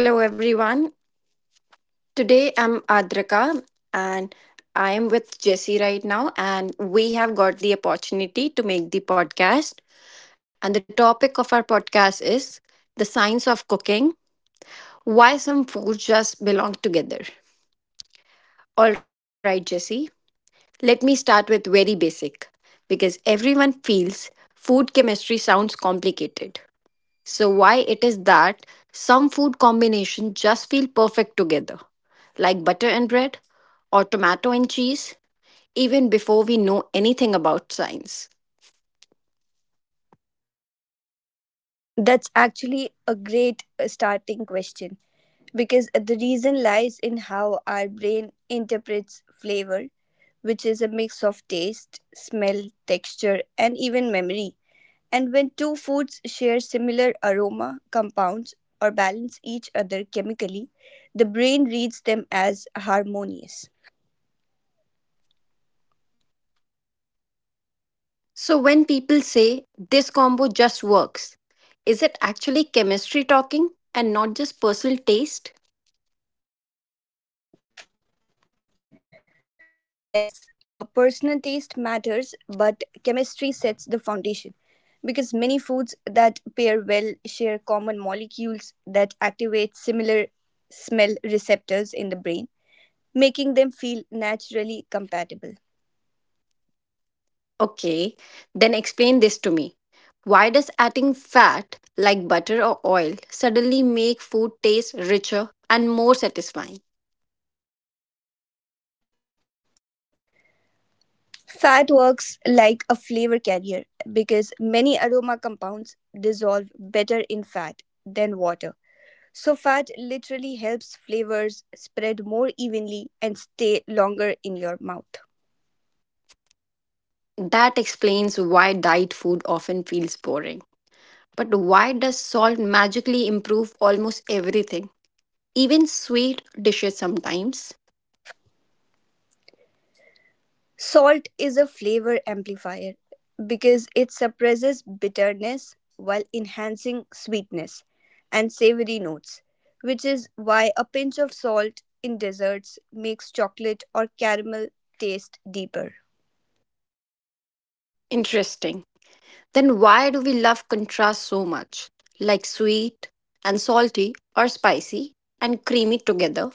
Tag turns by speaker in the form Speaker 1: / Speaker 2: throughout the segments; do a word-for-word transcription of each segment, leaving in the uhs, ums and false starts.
Speaker 1: Hello, everyone. Today I'm Adraka and I am with Jesse right now, and we have got the opportunity to make the podcast. And the topic of our podcast is the science of cooking, why some foods just belong together. All right, Jesse, let me start with very basic because everyone feels food chemistry sounds complicated. So why it is that some food combinations just feel perfect together, like butter and bread or tomato and cheese, even before we know anything about science.
Speaker 2: That's actually a great uh, starting question because the reason lies in how our brain interprets flavor, which is a mix of taste, smell, texture, and even memory. And when two foods share similar aroma, compounds, or balance each other chemically, the brain reads them as harmonious.
Speaker 1: So when people say this combo just works, is it actually chemistry talking and not just personal taste?
Speaker 2: Yes, uh, personal taste matters, but chemistry sets the foundation because many foods that pair well share common molecules that activate similar smell receptors in the brain, making them feel naturally compatible.
Speaker 1: Okay, then explain this to me. Why does adding fat like butter or oil suddenly make food taste richer and more satisfying?
Speaker 2: Fat works like a flavor carrier because many aroma compounds dissolve better in fat than water. So, fat literally helps flavors spread more evenly and stay longer in your mouth.
Speaker 1: That explains why diet food often feels boring. But why does salt magically improve almost everything? Even sweet dishes sometimes?
Speaker 2: Salt is a flavor amplifier because it suppresses bitterness while enhancing sweetness and savory notes, which is why a pinch of salt in desserts makes chocolate or caramel taste deeper.
Speaker 1: Interesting. Then why do we love contrast so much? Like sweet and salty or spicy and creamy together?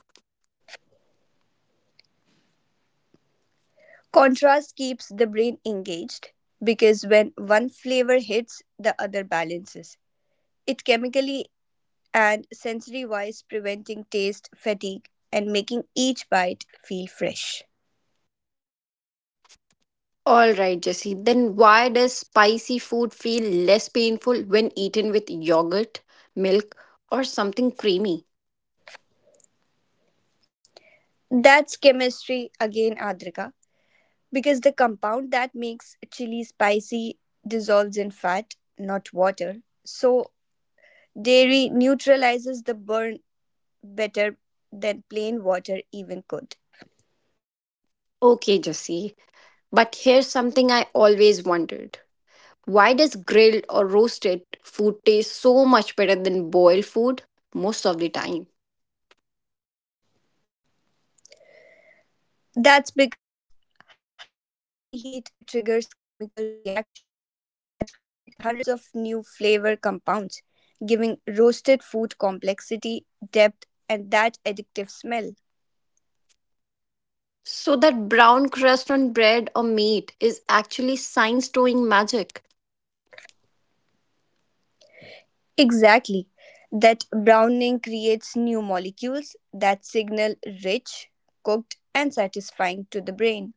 Speaker 2: Contrast keeps the brain engaged because when one flavor hits, the other balances. It chemically and sensory wise preventing taste fatigue and making each bite feel fresh.
Speaker 1: Alright, Jesse, then why does spicy food feel less painful when eaten with yogurt, milk, or something creamy?
Speaker 2: That's chemistry again, Adrika, because the compound that makes chili spicy dissolves in fat, not water. So, dairy neutralizes the burn better than plain water even could.
Speaker 1: Okay, Jesse, but here's something I always wondered, why does grilled or roasted food taste so much better than boiled food most of the time?
Speaker 2: That's because high heat triggers chemical reactions that create hundreds of new flavor compounds, giving roasted food complexity, depth, and that addictive smell.
Speaker 1: So, that brown crust on bread or meat is actually science doing magic.
Speaker 2: Check. Exactly. That browning creates new molecules that signal rich, cooked, and satisfying to the brain.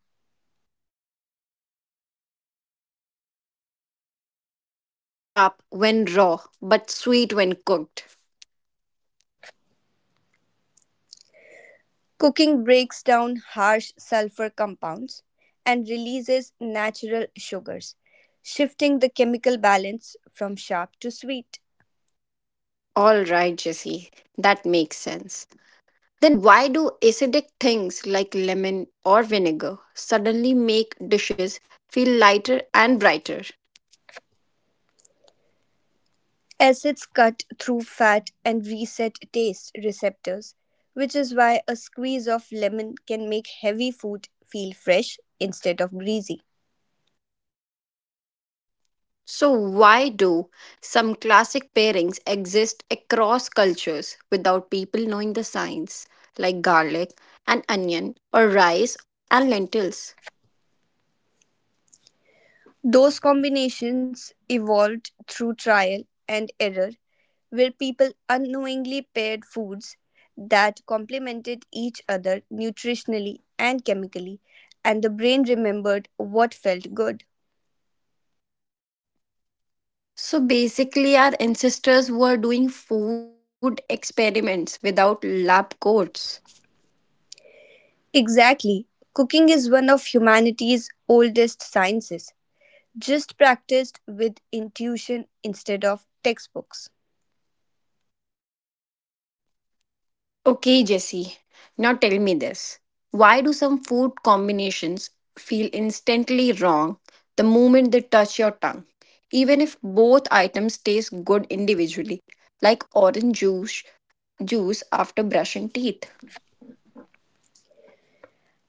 Speaker 1: Okay, so why do onions taste sharp when raw but sweet when cooked?
Speaker 2: Cooking breaks down harsh sulfur compounds and releases natural sugars, shifting the chemical balance from sharp to sweet.
Speaker 1: All right, Jesse, that makes sense. Then why do acidic things like lemon or vinegar suddenly make dishes feel lighter and brighter?
Speaker 2: Acids cut through fat and reset taste receptors, which is why a squeeze of lemon can make heavy food feel fresh instead of greasy.
Speaker 1: So, why do some classic pairings exist across cultures without people knowing the science, like garlic and onion, or rice and lentils?
Speaker 2: Those combinations evolved through trial and error where people unknowingly paired foods that complemented each other nutritionally and chemically, and the brain remembered what felt good.
Speaker 1: So, basically, our ancestors were doing food experiments without lab coats.
Speaker 2: Exactly. Cooking is one of humanity's oldest sciences, just practiced with intuition instead of textbooks.
Speaker 1: Okay, Jesse, now tell me this. Why do some food combinations feel instantly wrong the moment they touch your tongue, even if both items taste good individually, like orange juice, juice after brushing teeth?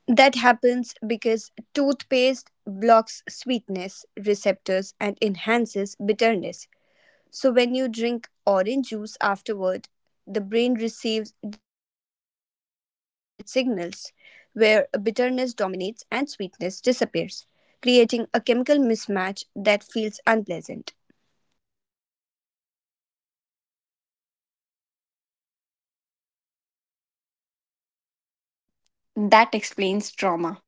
Speaker 2: That happens because toothpaste blocks sweetness receptors and enhances bitterness, so when you drink orange juice afterward, the brain receives distorted signals where bitterness dominates and sweetness disappears, creating a chemical mismatch that feels unpleasant.
Speaker 1: That explains trauma.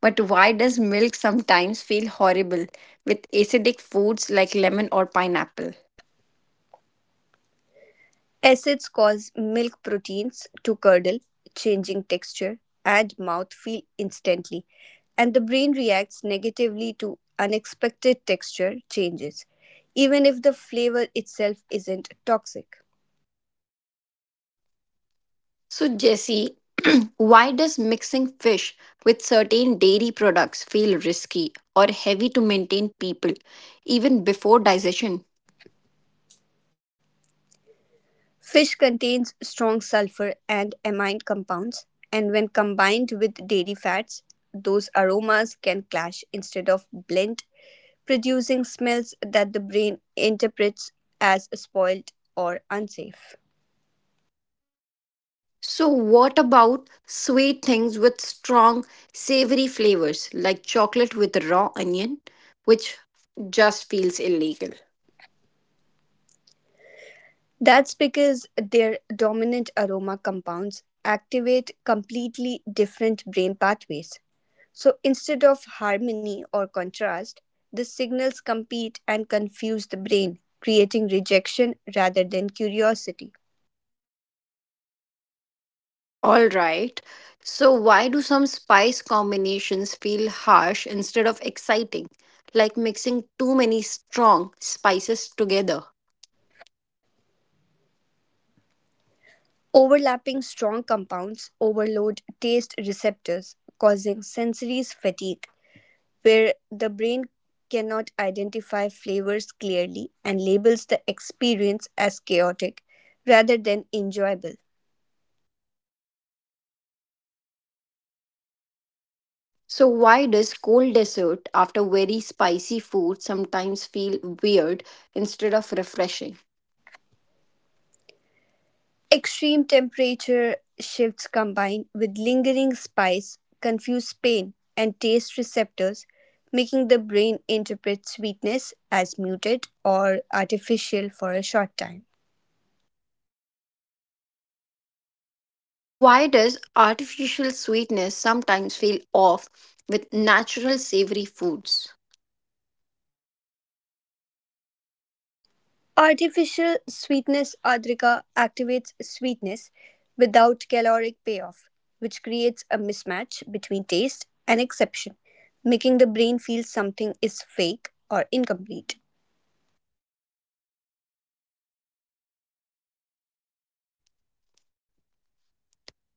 Speaker 1: But why does milk sometimes feel horrible with acidic foods like lemon or pineapple?
Speaker 2: Acids cause milk proteins to curdle, changing texture and mouthfeel instantly, and the brain reacts negatively to unexpected texture changes, even if the flavor itself isn't toxic.
Speaker 1: So, Jesse, why does mixing fish with certain dairy products feel risky or heavy to maintain people even before digestion?
Speaker 2: Fish contains strong sulfur and amine compounds, and when combined with dairy fats, those aromas can clash instead of blend, producing smells that the brain interprets as spoiled or unsafe.
Speaker 1: So, what about sweet things with strong savory flavors like chocolate with raw onion, which just feels illegal?
Speaker 2: That's because their dominant aroma compounds activate completely different brain pathways. So instead of harmony or contrast, the signals compete and confuse the brain, creating rejection rather than curiosity.
Speaker 1: All right. So, why do some spice combinations feel harsh instead of exciting, like mixing too many strong spices together?
Speaker 2: Overlapping strong compounds overload taste receptors, causing sensory fatigue, where the brain cannot identify flavors clearly and labels the experience as chaotic rather than enjoyable.
Speaker 1: So, why does cold dessert after very spicy food sometimes feel weird instead of refreshing?
Speaker 2: Extreme temperature shifts combined with lingering spice confuse pain and taste receptors, making the brain interpret sweetness as muted or artificial for a short time.
Speaker 1: Why does artificial sweetness sometimes feel off with natural savory foods?
Speaker 2: Artificial sweetness adrika activates sweetness without caloric payoff, which creates a mismatch between taste and exception, making the brain feel something is fake or incomplete.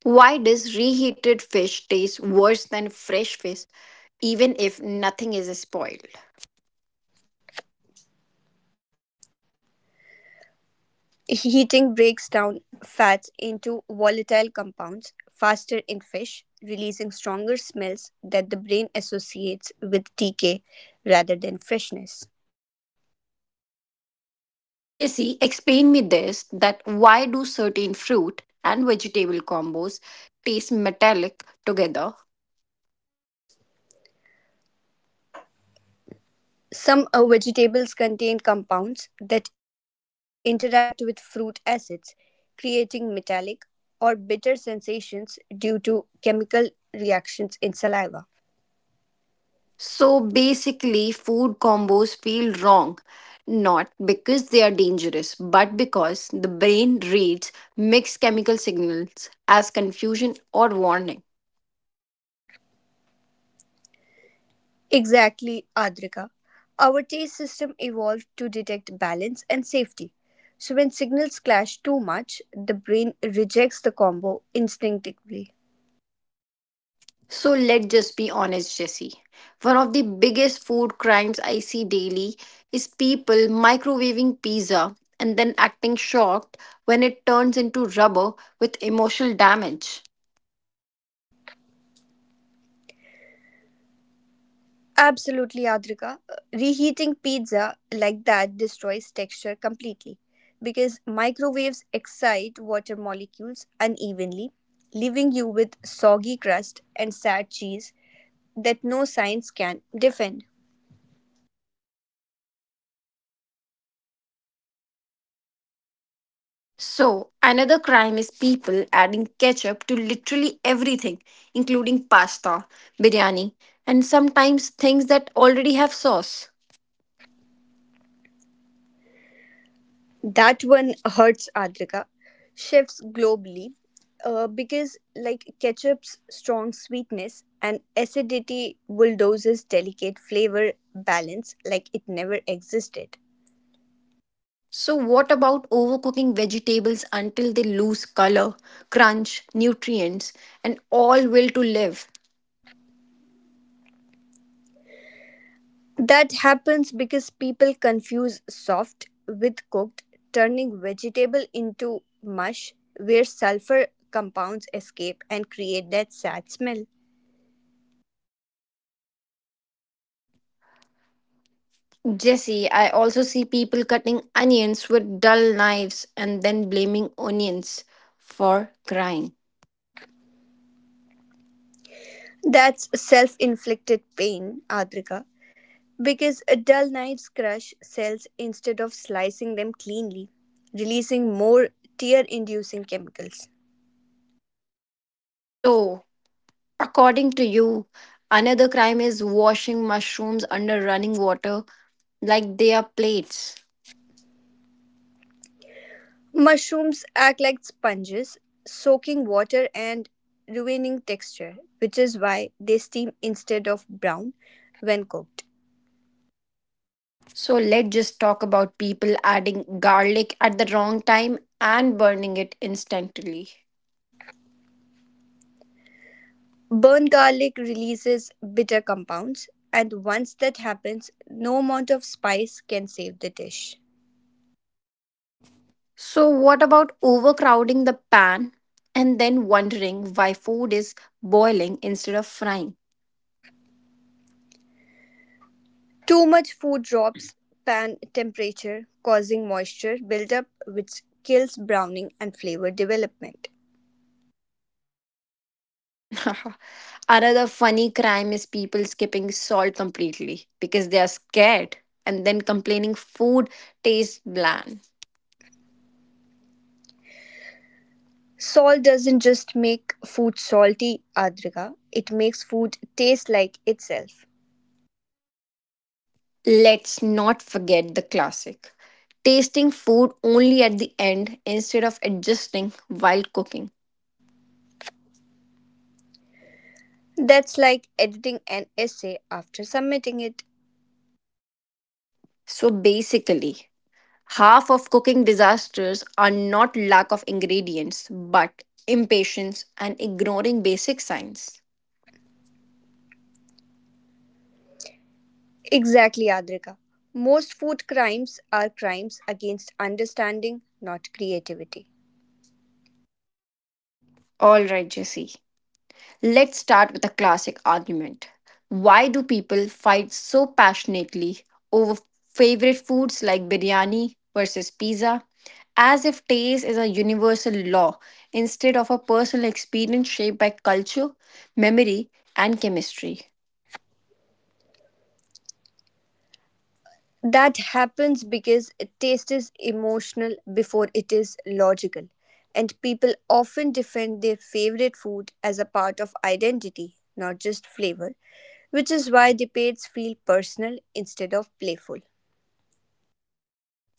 Speaker 1: Why does reheated fish taste worse than fresh fish even if nothing is spoiled?
Speaker 2: Heating breaks down fats into volatile compounds faster in fish, releasing stronger smells that the brain associates with decay rather than freshness.
Speaker 1: So, Jesse, explain me this, that why do certain fruit and vegetable combos taste metallic together?
Speaker 2: Some uh, vegetables contain compounds that interact with fruit acids, creating metallic or bitter sensations due to chemical reactions in saliva.
Speaker 1: So basically, food combos feel wrong, not because they are dangerous, but because the brain reads mixed chemical signals as confusion or warning.
Speaker 2: Exactly, Adrika. Our taste system evolved to detect balance and safety. So, when signals clash too much, the brain rejects the combo instinctively.
Speaker 1: So let's just be honest, Jesse. One of the biggest food crimes I see daily is people microwaving pizza and then acting shocked when it turns into rubber with emotional damage.
Speaker 2: Absolutely, Adrika. Uh, Reheating pizza like that destroys texture completely because microwaves excite water molecules unevenly, leaving you with soggy crust and sad cheese that no science can defend.
Speaker 1: So, another crime is people adding ketchup to literally everything, including pasta, biryani, and sometimes things that already have sauce.
Speaker 2: That one hurts Adrika. Chefs globally, uh, because like ketchup's strong sweetness and acidity bulldozes delicate flavor balance like it never existed.
Speaker 1: So, what about overcooking vegetables until they lose color, crunch, nutrients, and all will to live?
Speaker 2: That happens because people confuse soft with cooked, turning vegetable into mush where sulfur compounds escape and create that sad smell.
Speaker 1: Jesse, I also see people cutting onions with dull knives and then blaming onions for crying.
Speaker 2: That's self inflicted pain, Adrika. Because a dull knife's crush cells instead of slicing them cleanly, releasing more tear inducing chemicals.
Speaker 1: So, according to you, another crime is washing mushrooms under running water like they are plates.
Speaker 2: Mushrooms act like sponges, soaking water and ruining texture, which is why they steam instead of brown when cooked.
Speaker 1: So let's just talk about people adding garlic at the wrong time and burning it instantly.
Speaker 2: Burnt garlic releases bitter compounds, and once that happens, no amount of spice can save the dish.
Speaker 1: So, what about overcrowding the pan and then wondering why food is boiling instead of frying?
Speaker 2: Too much food drops pan temperature, causing moisture buildup which kills browning and flavor development.
Speaker 1: Another funny crime is people skipping salt completely because they are scared and then complaining food tastes bland.
Speaker 2: Salt doesn't just make food salty, Adrika, it makes food taste like itself.
Speaker 1: Let's not forget the classic tasting food only at the end instead of adjusting while cooking.
Speaker 2: That's like editing an essay after submitting it.
Speaker 1: So basically, half of cooking disasters are not lack of ingredients but impatience and ignoring basic science.
Speaker 2: Exactly, Adrika. Most food crimes are crimes against understanding, not creativity.
Speaker 1: All right, Jesse. Let's start with a classic argument. Why do people fight so passionately over favorite foods like biryani versus pizza? As if taste is a universal law instead of a personal experience shaped by culture, memory, and chemistry.
Speaker 2: That happens because taste is emotional before it is logical, and people often defend their favorite food as a part of identity, not just flavor, which is why debates feel personal instead of playful.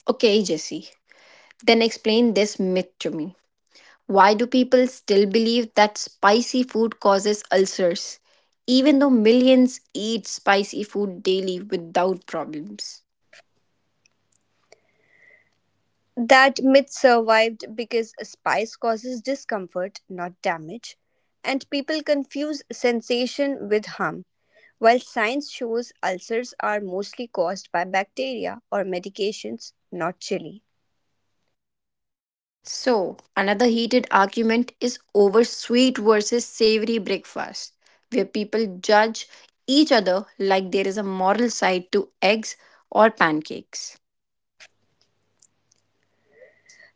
Speaker 1: Okay, Jesse, then explain this myth to me. Why do people still believe that spicy food causes ulcers, even though millions eat spicy food daily without problems?
Speaker 2: That myth survived because a spice causes discomfort, not damage, and people confuse sensation with harm, while science shows ulcers are mostly caused by bacteria or medications, not chili.
Speaker 1: So, another heated argument is over sweet versus savory breakfast, where people judge each other like there is a moral side to eggs or pancakes.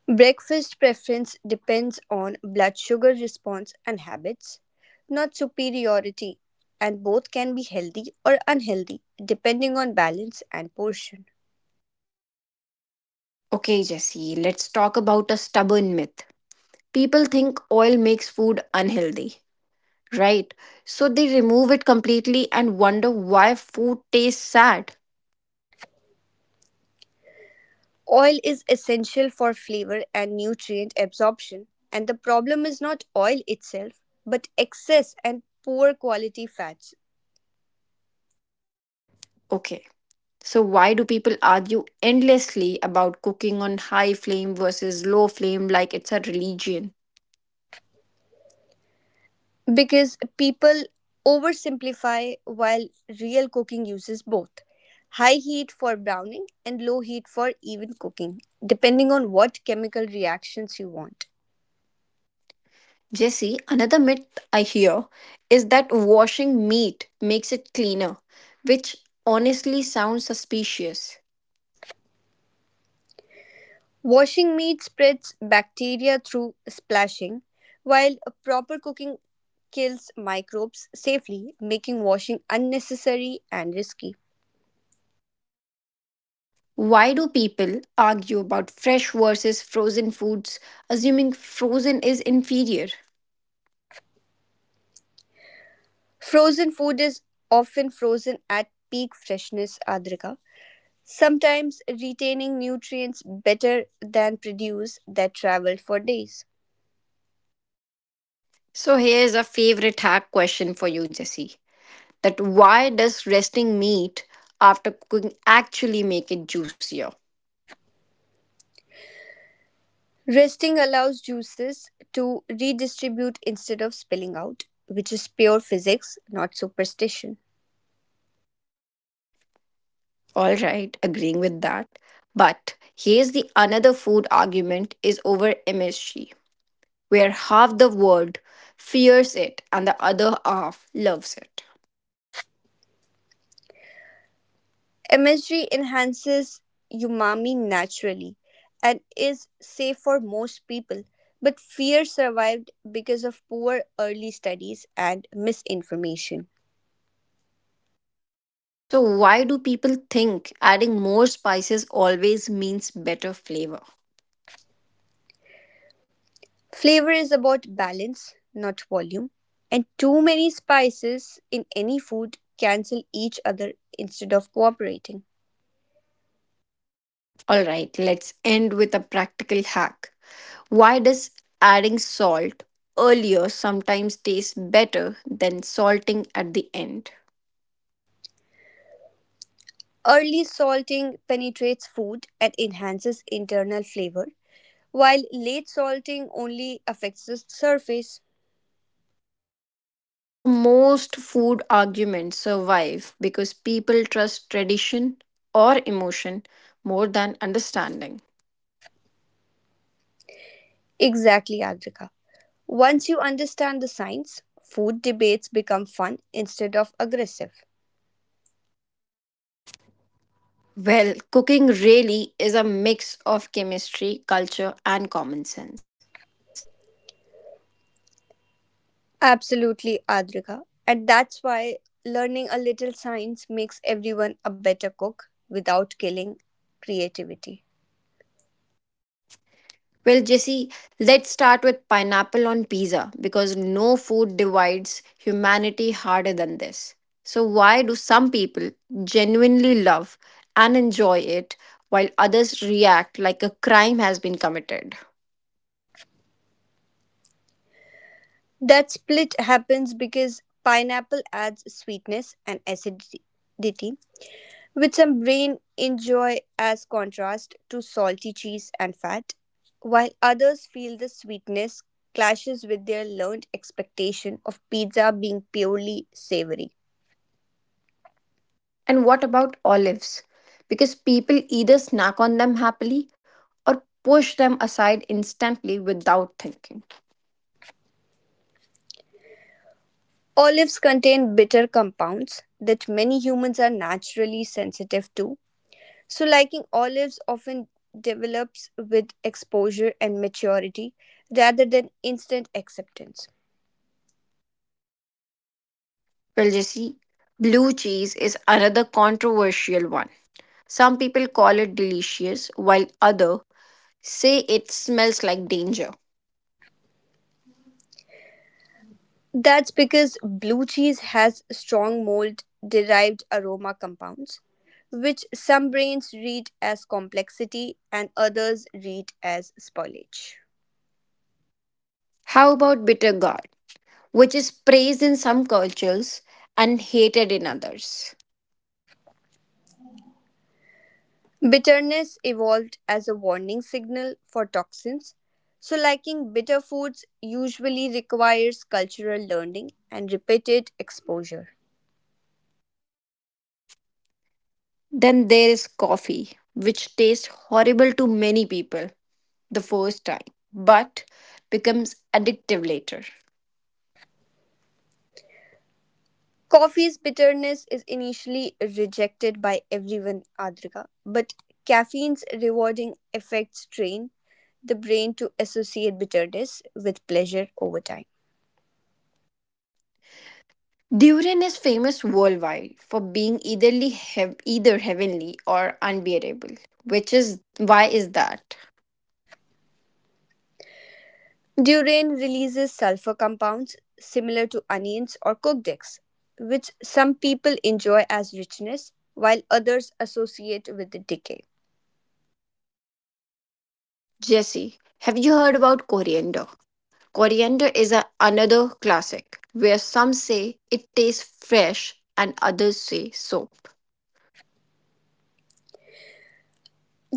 Speaker 2: Breakfast preference depends on blood sugar response and habits, not superiority, and both can be healthy or unhealthy depending on balance and portion.
Speaker 1: Okay, Jesse, let's talk about a stubborn myth. People think oil makes food unhealthy, right? So they remove it completely and wonder why food tastes sad.
Speaker 2: Oil is essential for flavor and nutrient absorption, and the problem is not oil itself, but excess and poor quality fats.
Speaker 1: Okay, so why do people argue endlessly about cooking on high flame versus low flame like it's a religion?
Speaker 2: Because people oversimplify while real cooking uses both high heat for browning and low heat for even cooking, depending on what chemical reactions you want.
Speaker 1: Jesse, another myth I hear is that washing meat makes it cleaner, which honestly sounds suspicious.
Speaker 2: Washing meat spreads bacteria through splashing, while proper cooking kills microbes safely, making washing unnecessary and risky.
Speaker 1: Why do people argue about fresh versus frozen foods, assuming frozen is inferior?
Speaker 2: Frozen food is often frozen at peak freshness, Adrika, sometimes retaining nutrients better than produce that traveled for days.
Speaker 1: So, here's a favorite hack question for you, Jesse. That why does resting meat after cooking actually make it juicier?
Speaker 2: Resting allows juices to redistribute instead of spilling out, which is pure physics, not superstition.
Speaker 1: All right, agreeing with that. But here's the another food argument, is over M S G, where half the world fears it and the other half loves it.
Speaker 2: M S G enhances umami naturally and is safe for most people, but fear survived because of poor early studies and misinformation.
Speaker 1: So, why do people think adding more spices always means better flavor?
Speaker 2: Flavor is about balance, not volume, and too many spices in any food cancel each other instead of cooperating.
Speaker 1: Alright, let's end with a practical hack. Why does adding salt earlier sometimes taste better than salting at the end?
Speaker 2: Early salting penetrates food and enhances internal flavor, while late salting only affects the surface.
Speaker 1: So, most food arguments survive because people trust tradition or emotion more than understanding.
Speaker 2: Exactly, Adrika. Once you understand the science, food debates become fun instead of aggressive.
Speaker 1: Well, cooking really is a mix of chemistry, culture, and common sense.
Speaker 2: Absolutely, Adrika. And that's why learning a little science makes everyone a better cook without killing creativity.
Speaker 1: Well, Jesse, let's start with pineapple on pizza because no food divides humanity harder than this. So, why do some people genuinely love and enjoy it while others react like a crime has been committed?
Speaker 2: That split happens because pineapple adds sweetness and acidity, which some brain enjoy as contrast to salty cheese and fat, while others feel the sweetness clashes with their learned expectation of pizza being purely savory.
Speaker 1: And what about olives? Because people either snack on them happily or push them aside instantly without thinking.
Speaker 2: Olives contain bitter compounds that many humans are naturally sensitive to, so liking olives often develops with exposure and maturity rather than instant acceptance.
Speaker 1: Well, Jesse, blue cheese is another controversial one. Some people call it delicious, while others say it smells like danger.
Speaker 2: That's because blue cheese has strong mold derived aroma compounds, which some brains read as complexity and others read as spoilage.
Speaker 1: How about bitter gourd, which is praised in some cultures and hated in others?
Speaker 2: Bitterness evolved as a warning signal for toxins, so liking bitter foods usually requires cultural learning and repeated exposure.
Speaker 1: Then there is coffee, which tastes horrible to many people the first time, but becomes addictive later.
Speaker 2: Coffee's bitterness is initially rejected by everyone, Adrika, but caffeine's rewarding effects train the brain to associate bitterness with pleasure over time.
Speaker 1: Durian is famous worldwide for being either, hev- either heavenly or unbearable. Which is why is that?
Speaker 2: Durian releases sulfur compounds similar to onions or cooked eggs, which some people enjoy as richness while others associate with the decay.
Speaker 1: Jesse, have you heard about coriander? Coriander is a, another classic where some say it tastes fresh and others say soap.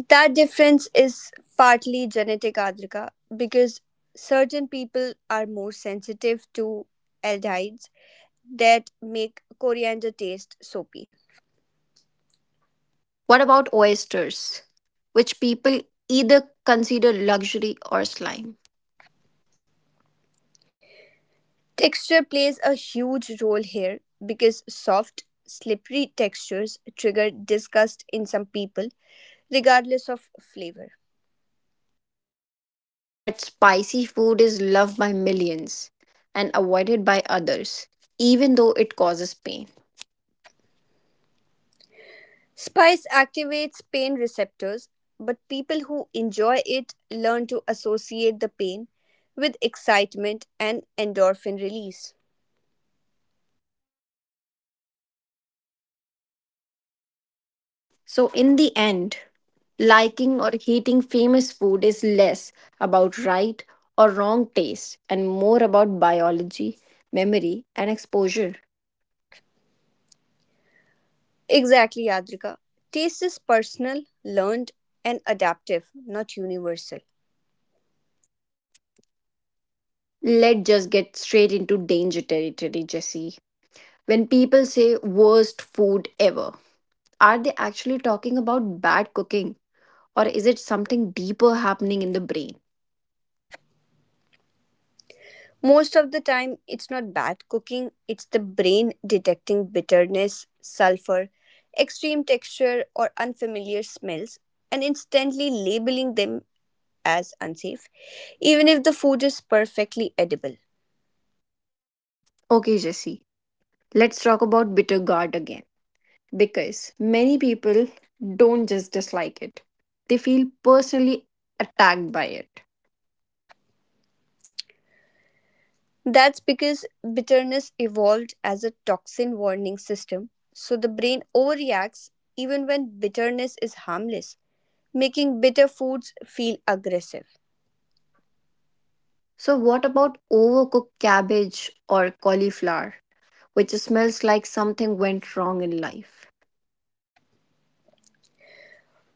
Speaker 2: That difference is partly genetic, Adrika, because certain people are more sensitive to aldehydes that make coriander taste soapy.
Speaker 1: What about oysters, which people either consider luxury or slime?
Speaker 2: Texture plays a huge role here because soft, slippery textures trigger disgust in some people regardless of flavor.
Speaker 1: But spicy food is loved by millions and avoided by others, even though it causes pain.
Speaker 2: Spice activates pain receptors, but people who enjoy it learn to associate the pain with excitement and endorphin release.
Speaker 1: So, in the end, liking or hating famous food is less about right or wrong taste and more about biology, memory, and exposure.
Speaker 2: Exactly, Yadrika. Taste is personal, learned, and adaptive, not universal.
Speaker 1: Let's just get straight into danger territory, Jesse. When people say worst food ever, are they actually talking about bad cooking or is it something deeper happening in the brain?
Speaker 2: Most of the time, it's not bad cooking, it's the brain detecting bitterness, sulfur, extreme texture, or unfamiliar smells and instantly labeling them as unsafe, even if the food is perfectly edible.
Speaker 1: Okay, Jesse, let's talk about bitter gourd again because many people don't just dislike it, they feel personally attacked by it.
Speaker 2: That's because bitterness evolved as a toxin warning system, so the brain overreacts even when bitterness is harmless, making bitter foods feel aggressive.
Speaker 1: So, what about overcooked cabbage or cauliflower, which smells like something went wrong in life?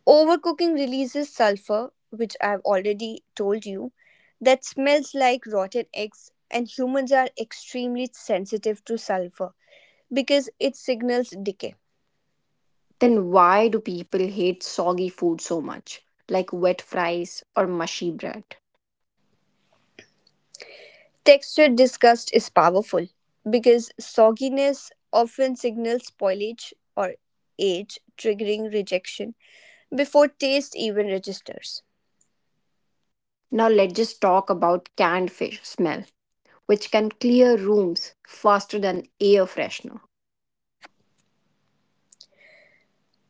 Speaker 2: Overcooking releases sulfur, which I've already told you, that smells like rotten eggs, and humans are extremely sensitive to sulfur because it signals decay.
Speaker 1: Then, why do people hate soggy food so much, like wet fries or mushy bread?
Speaker 2: Texture disgust is powerful because sogginess often signals spoilage or age, triggering rejection before taste even registers.
Speaker 1: Now, let's just talk about canned fish smell, which can clear rooms faster than air freshener.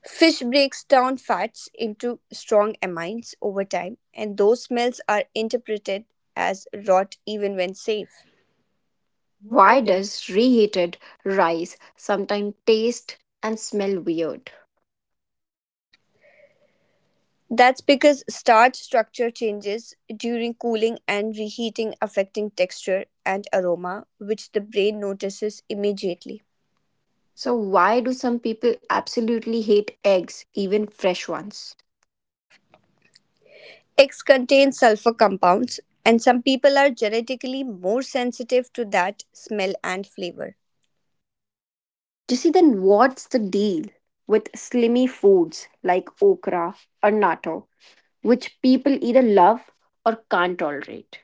Speaker 2: Fish breaks down fats into strong amines over time, and those smells are interpreted as rot even when safe.
Speaker 1: Why does reheated rice sometimes taste and smell weird?
Speaker 2: That's because starch structure changes during cooling and reheating, affecting texture and aroma, which the brain notices immediately.
Speaker 1: So, why do some people absolutely hate eggs, even fresh ones?
Speaker 2: Eggs contain sulfur compounds, and some people are genetically more sensitive to that smell and flavor.
Speaker 1: You see? Then what's the deal with slimy foods like okra or natto, which people either love or can't tolerate?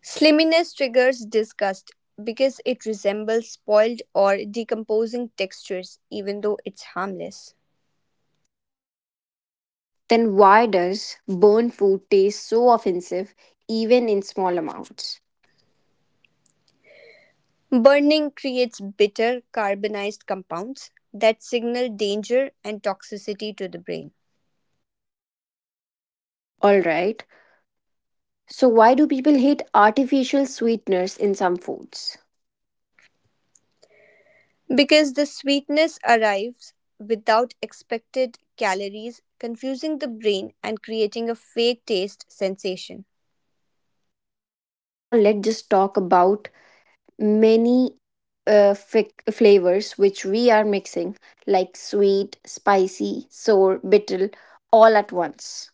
Speaker 2: Sliminess triggers disgust because it resembles spoiled or decomposing textures, even though it's harmless.
Speaker 1: Then, why does burned food taste so offensive, even in small amounts?
Speaker 2: Burning creates bitter carbonized compounds that signal danger and toxicity to the brain.
Speaker 1: Alright, so why do people hate artificial sweeteners in some foods?
Speaker 2: Because the sweetness arrives without expected calories, confusing the brain and creating a fake taste sensation.
Speaker 1: Now let's just talk about many uh, fic- flavors which we are mixing, like sweet, spicy, sour, bitter, all at once.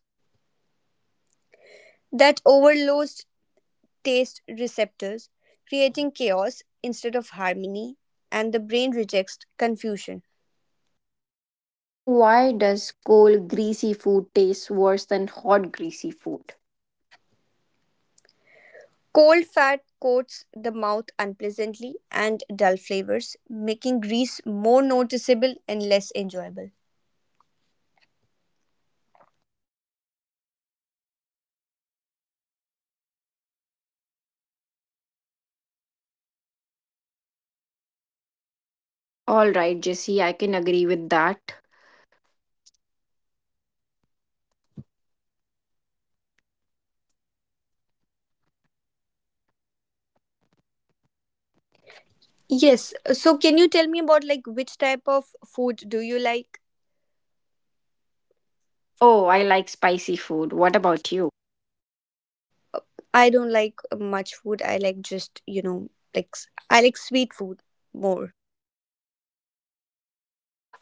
Speaker 2: That overloads taste receptors, creating chaos instead of harmony, and the brain rejects confusion.
Speaker 1: So why does cold greasy food taste worse than hot greasy food?
Speaker 2: Cold fat coats the mouth unpleasantly and dull flavors, making grease more noticeable and less enjoyable.
Speaker 1: All right, Jesse, I can agree with that.
Speaker 2: Yes,
Speaker 1: Yes,
Speaker 2: so
Speaker 1: so
Speaker 2: can
Speaker 1: can
Speaker 2: you tell me about like which type of food do you like?
Speaker 1: Oh,
Speaker 2: Oh,
Speaker 1: I
Speaker 2: I
Speaker 1: like spicy food. What about you?
Speaker 2: I don't like much food. I like just, you know, like s- I like sweet food more.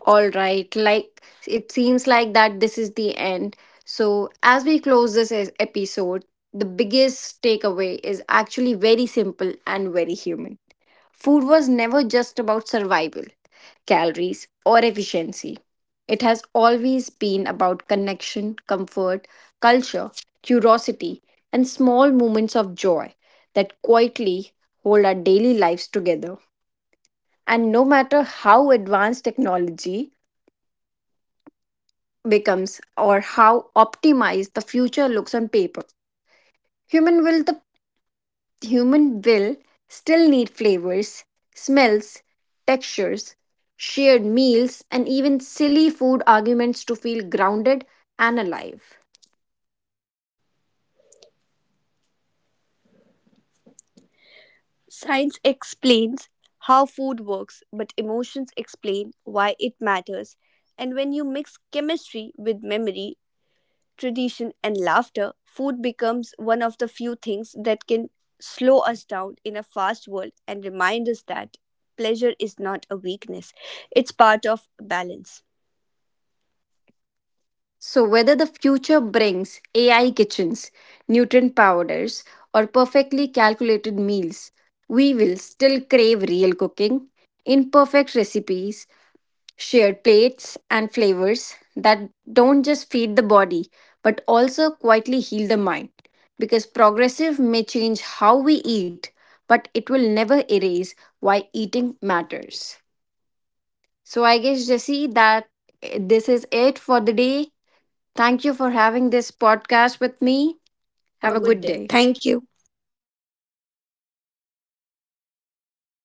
Speaker 1: All right, like it seems like that this is the end. So, as we close this es- episode, the biggest takeaway is actually very simple and very human. Food was never just about survival, calories, or efficiency. It has always been about connection, comfort, culture, curiosity, and small moments of joy that quietly hold our daily lives together. And no matter how advanced technology becomes or how optimized the future looks on paper. Human will the Human will still need flavors, smells, textures, shared meals and even silly food arguments to feel grounded and alive.
Speaker 2: Science explains how food works, but emotions explain why it matters. And when you mix chemistry with memory, tradition, and laughter, food becomes one of the few things that can slow us down in a fast world and remind us that pleasure is not a weakness, it's part of balance.
Speaker 1: So whether the future brings A I kitchens, nutrient powders or perfectly calculated meals, we will still crave real cooking, imperfect recipes, shared plates and flavors that don't just feed the body but also quietly heal the mind. Because progressive may change how we eat, but it will never erase why eating matters. So I guess, Jesse, that eh, this is it for the day. Thank you for having this podcast with me.
Speaker 2: Have
Speaker 1: Have
Speaker 2: a
Speaker 1: a
Speaker 2: good
Speaker 1: good
Speaker 2: day.
Speaker 1: day.
Speaker 2: Thank you.